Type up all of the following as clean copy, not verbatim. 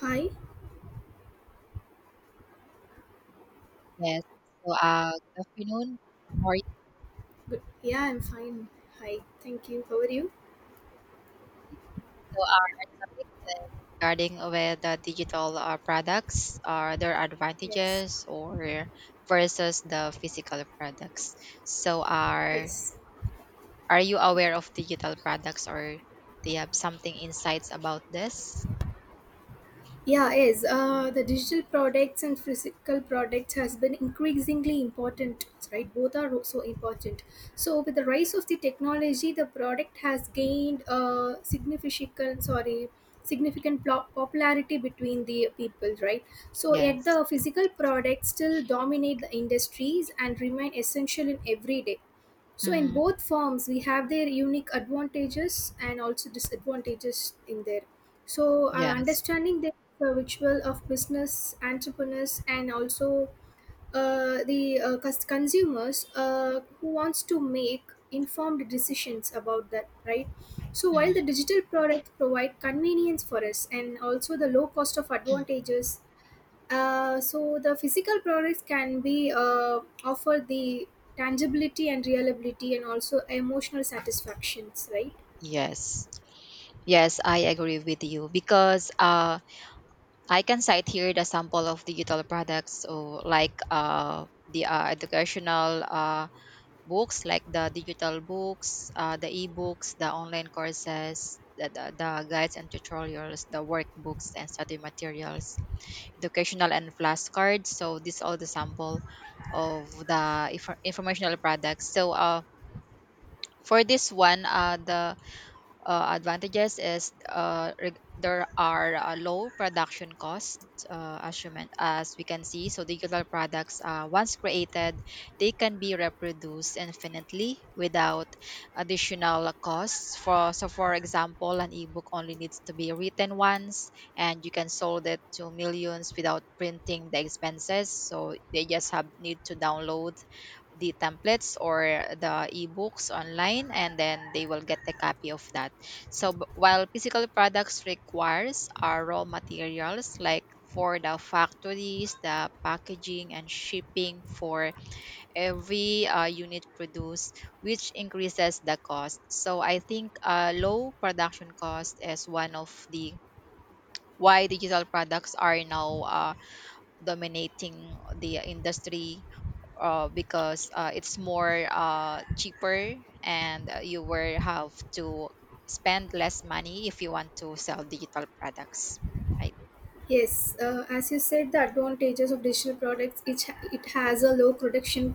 Hi. Yes. Good afternoon. How are you? Good. Yeah, I'm fine. Hi. Thank you. How are you? So, our topic is regarding with the digital products. Are their Yes. advantages or versus the physical products? So, are Yes. are you aware of digital products, or do you have something insights about this? Yeah, yes. The digital products and physical products has been increasingly important, right? Both are so important. So with the rise of the technology, the product has gained significant, sorry, significant popularity between the people, right? So yet Yes. the physical products still dominate the industries and remain essential in every day. So in Mm, both forms, we have their unique advantages and also disadvantages in there. Yes. Understanding the ritual of business entrepreneurs and also consumers who wants to make informed decisions about that, right? So, while Mm, the digital products provide convenience for us and also the low cost of advantages, so the physical products can be offer the tangibility and reliability and also emotional satisfactions, right? yes. Yes, I agree with you because I can cite here the sample of digital products, so like the educational books, like the digital books, the e-books, the online courses, the, the guides and tutorials, the workbooks and study materials, educational and flashcards. So this all the sample of the informational products. So for this one, the advantages is there are low production costs. As, as we can see, so digital products, once created, they can be reproduced infinitely without additional costs. For example, an ebook only needs to be written once, and you can sold it to millions without printing the expenses. So they just have need to download the templates or the ebooks online, and then they will get a copy of that. While physical products requires our raw materials, like for the factories, the packaging and shipping for every unit produced, which increases the cost. So I think low production cost is one of the why digital products are now dominating the industry, because it's more cheaper, and you will have to spend less money if you want to sell digital products, right? Yes, as you said, the advantages of digital products, it has a low production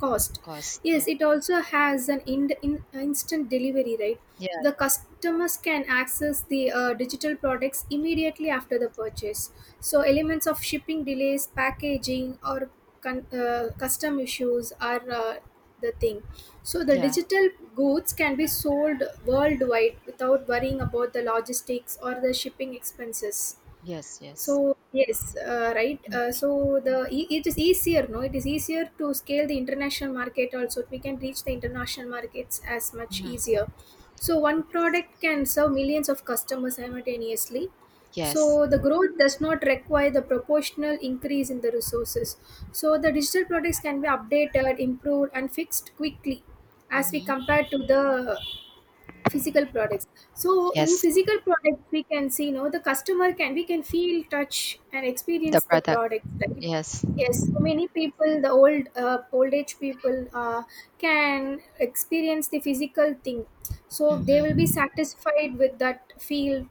cost. Cost, Yes, Yeah. it also has an instant delivery, right? Yeah, The customers can access the digital products immediately after the purchase. So, elements of shipping delays, packaging, or custom issues are the thing. So, the yeah. digital goods can be sold worldwide without worrying about the logistics or the shipping expenses. Yes, yes. Right. It is easier, no? It is easier to scale the international market. Also, we can reach the international markets as much Mm-hmm. easier. So one Yes, product can serve millions of customers simultaneously. yes. So the growth does not require the proportional increase in the resources. So the digital products can be updated, improved, and fixed quickly as we Mm-hmm. compare to the physical products. So in Yes, physical products, we can see, you know, the customer can, we can feel, touch, and the experience the product. product, right? Yes. Yes, so many people, the old age people can experience the physical thing, so they will be Mm-hmm. satisfied with that feel.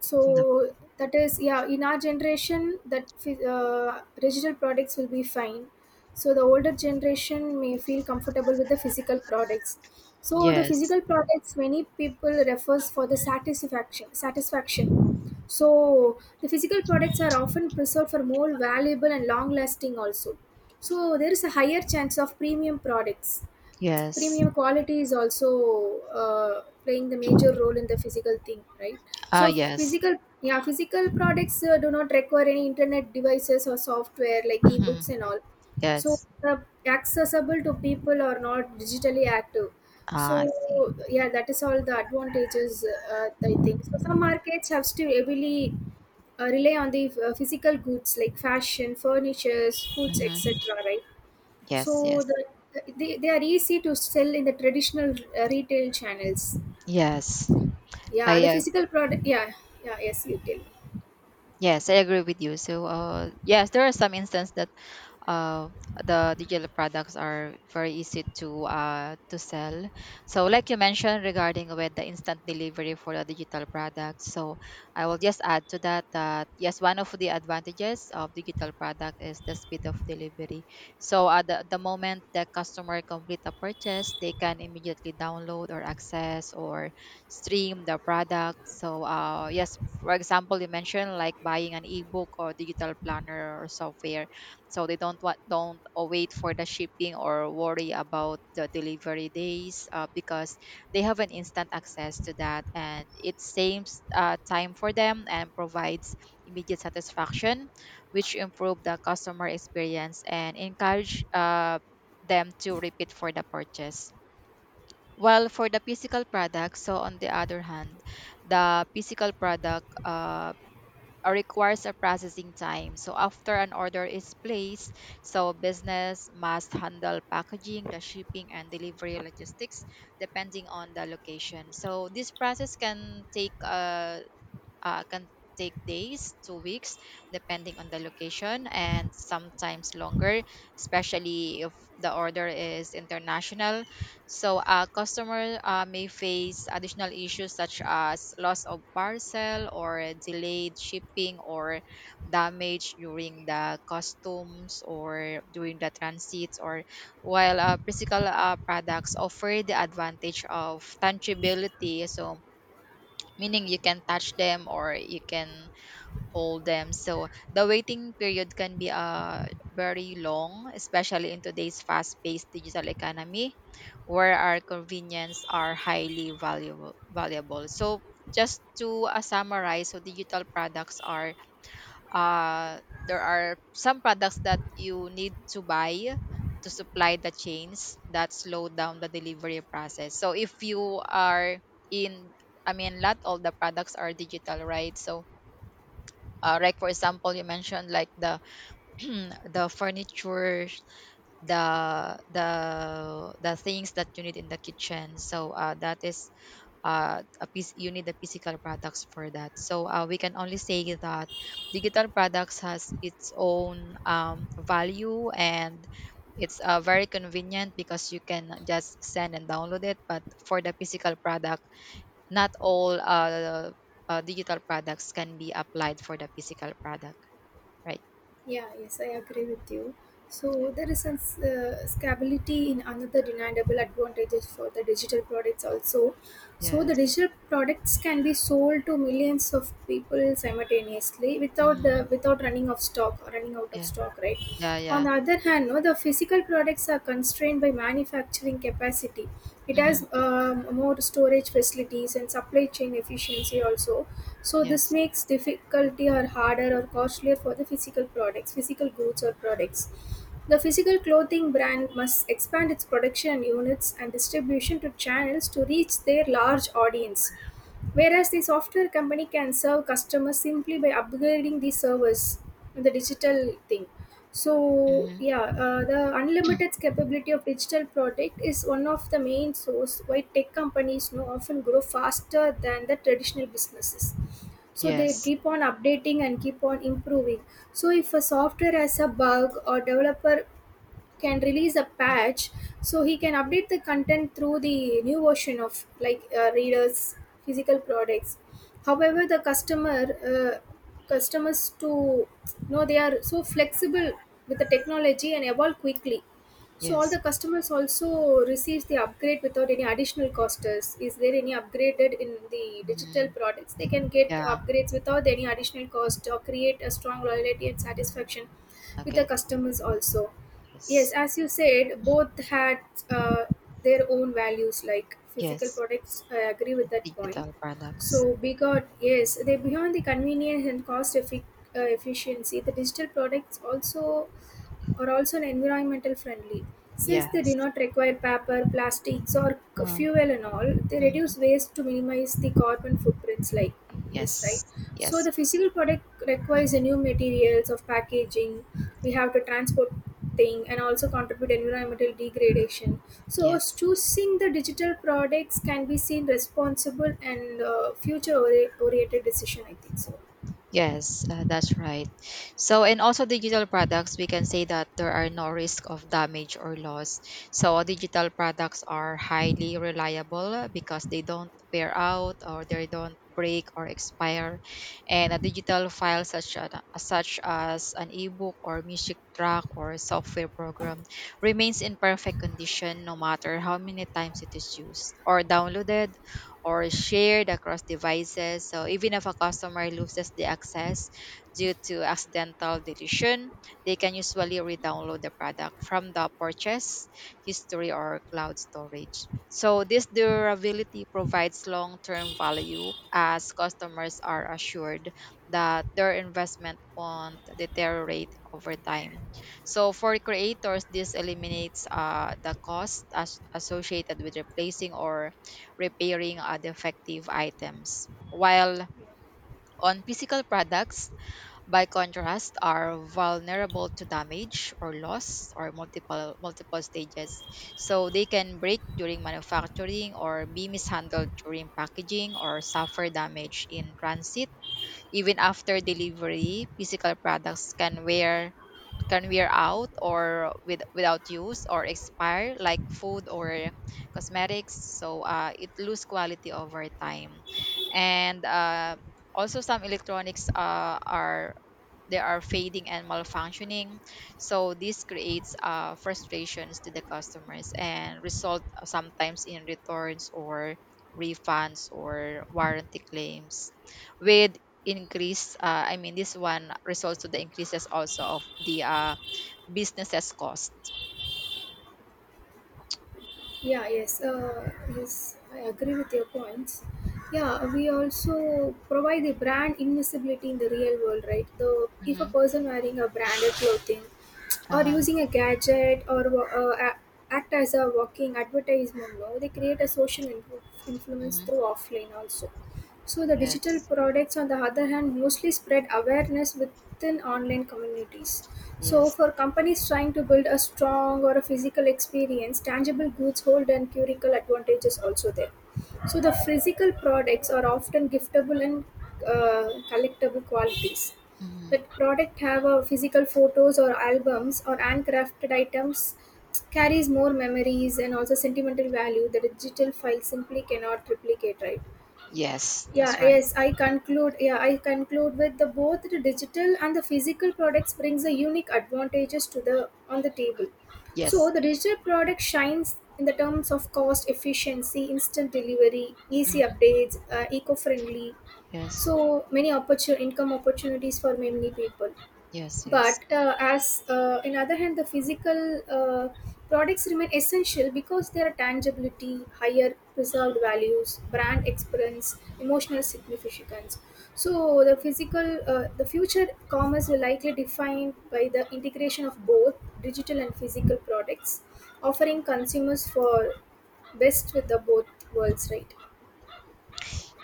So that is, yeah, in our generation that digital products will be fine. So the older generation may feel comfortable with the physical products. So the Yes, physical products, many people refers for the satisfaction. So the physical products are often preserved for more valuable and long lasting also. So there is a higher chance of premium products. yes. Premium quality is also playing the major role in the physical thing, right? Ah, So yes. physical, yeah, physical products do not require any internet devices or software like Mm-hmm. ebooks and all. So Yes. the accessible to people are not digitally active. So Ah, I see. yeah, that is all the advantages. I think so some markets have still heavily rely on the physical goods like fashion, furnitures, foods, Mm-hmm. etc., right? Yes, So yes. they are easy to sell in the traditional retail channels. Yes, Yeah, I the physical product, yeah. Yeah, yes, you tell. yes, I agree with you. So, yes, there are some instances that uh, the digital products are very easy to sell. So, like you mentioned regarding with the instant delivery for the digital products, so I will just add to that that yes, one of the advantages of digital product is the speed of delivery. So, at the moment the customer complete a purchase, they can immediately download or access or stream the product. So, yes, for example, you mentioned like buying an ebook or digital planner or software, so they don't wait for the shipping or worry about the delivery days, because they have an instant access to that, and it saves time for them and provides immediate satisfaction, which improve the customer experience and encourage them to repeat for the purchase. While for the physical product, so on the other hand, the physical product requires a processing time. So after an order is placed, so business must handle packaging, the shipping and delivery logistics depending on the location. So this process can take days 2 weeks depending on the location, and sometimes longer, especially if the order is international. So a customer may face additional issues such as loss of parcel or delayed shipping or damage during the customs or during the transits. Or while physical products offer the advantage of tangibility, so meaning you can touch them or you can hold them. So the waiting period can be very long, especially in today's fast-paced digital economy where our convenience are highly valuable. So just to summarize, so digital products are uh, there are some products that you need to buy to supply the chains that slow down the delivery process. So if you are in, I mean, not all the products are digital, right? So, like for example, you mentioned like the the furniture, the the things that you need in the kitchen. So that is a piece you need the physical products for that. So we can only say that digital products has its own value, and it's very convenient because you can just send and download it. But for the physical product, not all digital products can be applied for the physical product, right? Yeah, yes, I agree with you. So there is some scalability in another deniable advantages for the digital products also. So the Yes. digital products can be sold to millions of people simultaneously Mm-hmm. without running of stock or running out of Yeah. stock, right? Yeah, On yeah. the other hand, no, the physical products are constrained by manufacturing capacity. It Mm-hmm. has more storage facilities and supply chain efficiency also. So this Yes. makes difficulty or harder or costlier for the physical products, physical goods or products. The physical clothing brand must expand its production units and distribution to channels to reach their large audience, whereas the software company can serve customers simply by upgrading the servers and the digital thing. Mm-hmm. The unlimited capability of digital product is one of the main source why tech companies now often grow faster than the traditional businesses. So they Yes, keep on updating and keep on improving. So if a software has a bug or developer can release a patch, so he can update the content through the new version of like readers. Physical products, however, the uh, customers, to you know, they are so flexible with the technology and evolve quickly. So all the yes. customers also receives the upgrade without any additional costs. Is there any upgraded in the digital Mm-hmm. products? They can get Yeah. upgrades without any additional cost or create a strong Oh, loyalty and satisfaction with the okay. customers also. Yes, Yes. as you said, both had uh, their own values, like physical Yes, products. I agree with that point. digital products. So, Bigot, yes, they beyond the convenience and cost efficiency. The digital products also are also environmental friendly. Since they do Yes. not require paper, plastics, or Mm, fuel and all, they mm. reduce waste to minimize the carbon footprints. Like yes, right. Yes. So Yes. the Yes. physical product requires Mm, a new materials of packaging. We have to transport thing and also contribute environmental degradation. So yes. choosing the digital products can be seen responsible and future oriented decision. I think so. Yes, that's right. So, and also digital products, we can say that there are no risk of damage or loss. So, digital products are highly reliable because they don't wear out, or they don't break or expire. And a digital file such as an ebook or music track or a software program remains in perfect condition no matter how many times it is used or downloaded or shared across devices. So even if a customer loses the access due to accidental deletion, they can usually re-download the product from the purchase history or cloud storage. So this durability provides long-term value, as customers are assured that their investment won't deteriorate over time. So for creators, this eliminates the cost associated with replacing or repairing defective items. While on physical products, by contrast, are vulnerable to damage or loss or multiple stages. So they can break during manufacturing or be mishandled during packaging or suffer damage in transit. Even after delivery, physical products can wear out or with without use or expire, like food or cosmetics. So it lose quality over time, and also some electronics are they are fading and malfunctioning. So this creates frustrations to the customers, and result sometimes in returns or refunds or warranty claims with increase I mean, this one results to the increases also of the businesses cost. Yeah, yes, uh, yes, I agree with your points. Yeah, we also provide the brand invisibility in the real world, right? The if a Mm-hmm. person wearing a branded clothing or Uh-huh. using a gadget or act as a walking advertisement, no, they create a social influence through Mm-hmm. offline also. So the digital Yes. products on the other hand mostly spread awareness within online communities. So Yes. for companies trying to build a strong or a physical experience, tangible goods hold an curical advantages also there. So the physical products are often giftable and collectible qualities. That Mm-hmm. product have a physical photos or albums or handcrafted items carries more memories and also sentimental value the digital file simply cannot replicate, right? Yes. That's Yeah, right. yes, I conclude. Yeah, I conclude with the both the digital and the physical products brings a unique advantages to the on the table. So Yes. the digital product shines in the terms of cost efficiency, instant delivery, easy Hmm. updates, eco-friendly. Yes. So many income opportunities for many people, Yes. Yes. but as in other hand, the physical products remain essential because their tangibility, higher preserved values, brand experience, emotional significance. So the physical, the future commerce will likely defined by the integration of both digital and physical products, offering consumers for best with the both worlds, right?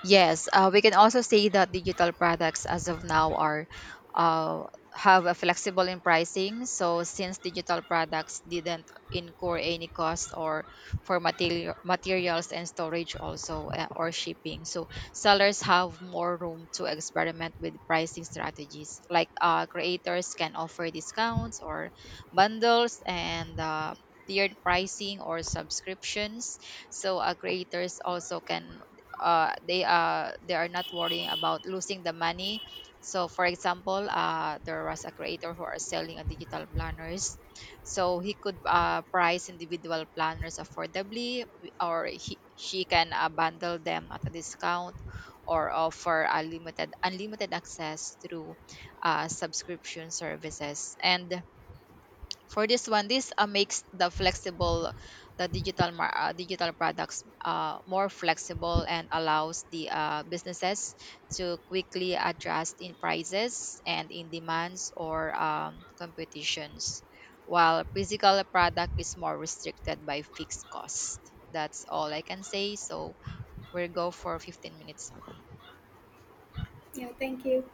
Yes, we can also say that digital products as of now are uh, have a flexible in pricing. So since digital products didn't incur any cost or for materials and storage also or shipping, so sellers have more room to experiment with pricing strategies. Like creators can offer discounts or bundles and tiered pricing or subscriptions. So creators also can they are not worrying about losing the money. So, for example, there was a creator who are selling a digital planners. So he could price individual planners affordably, or she can bundle them at a discount, or offer a limited unlimited access through subscription services. And for this one, this makes the flexible the digital products more flexible, and allows the businesses to quickly adjust in prices and in demands or competitions. While physical product is more restricted by fixed cost. That's all I can say. So we'll go for 15 minutes. Yeah, thank you.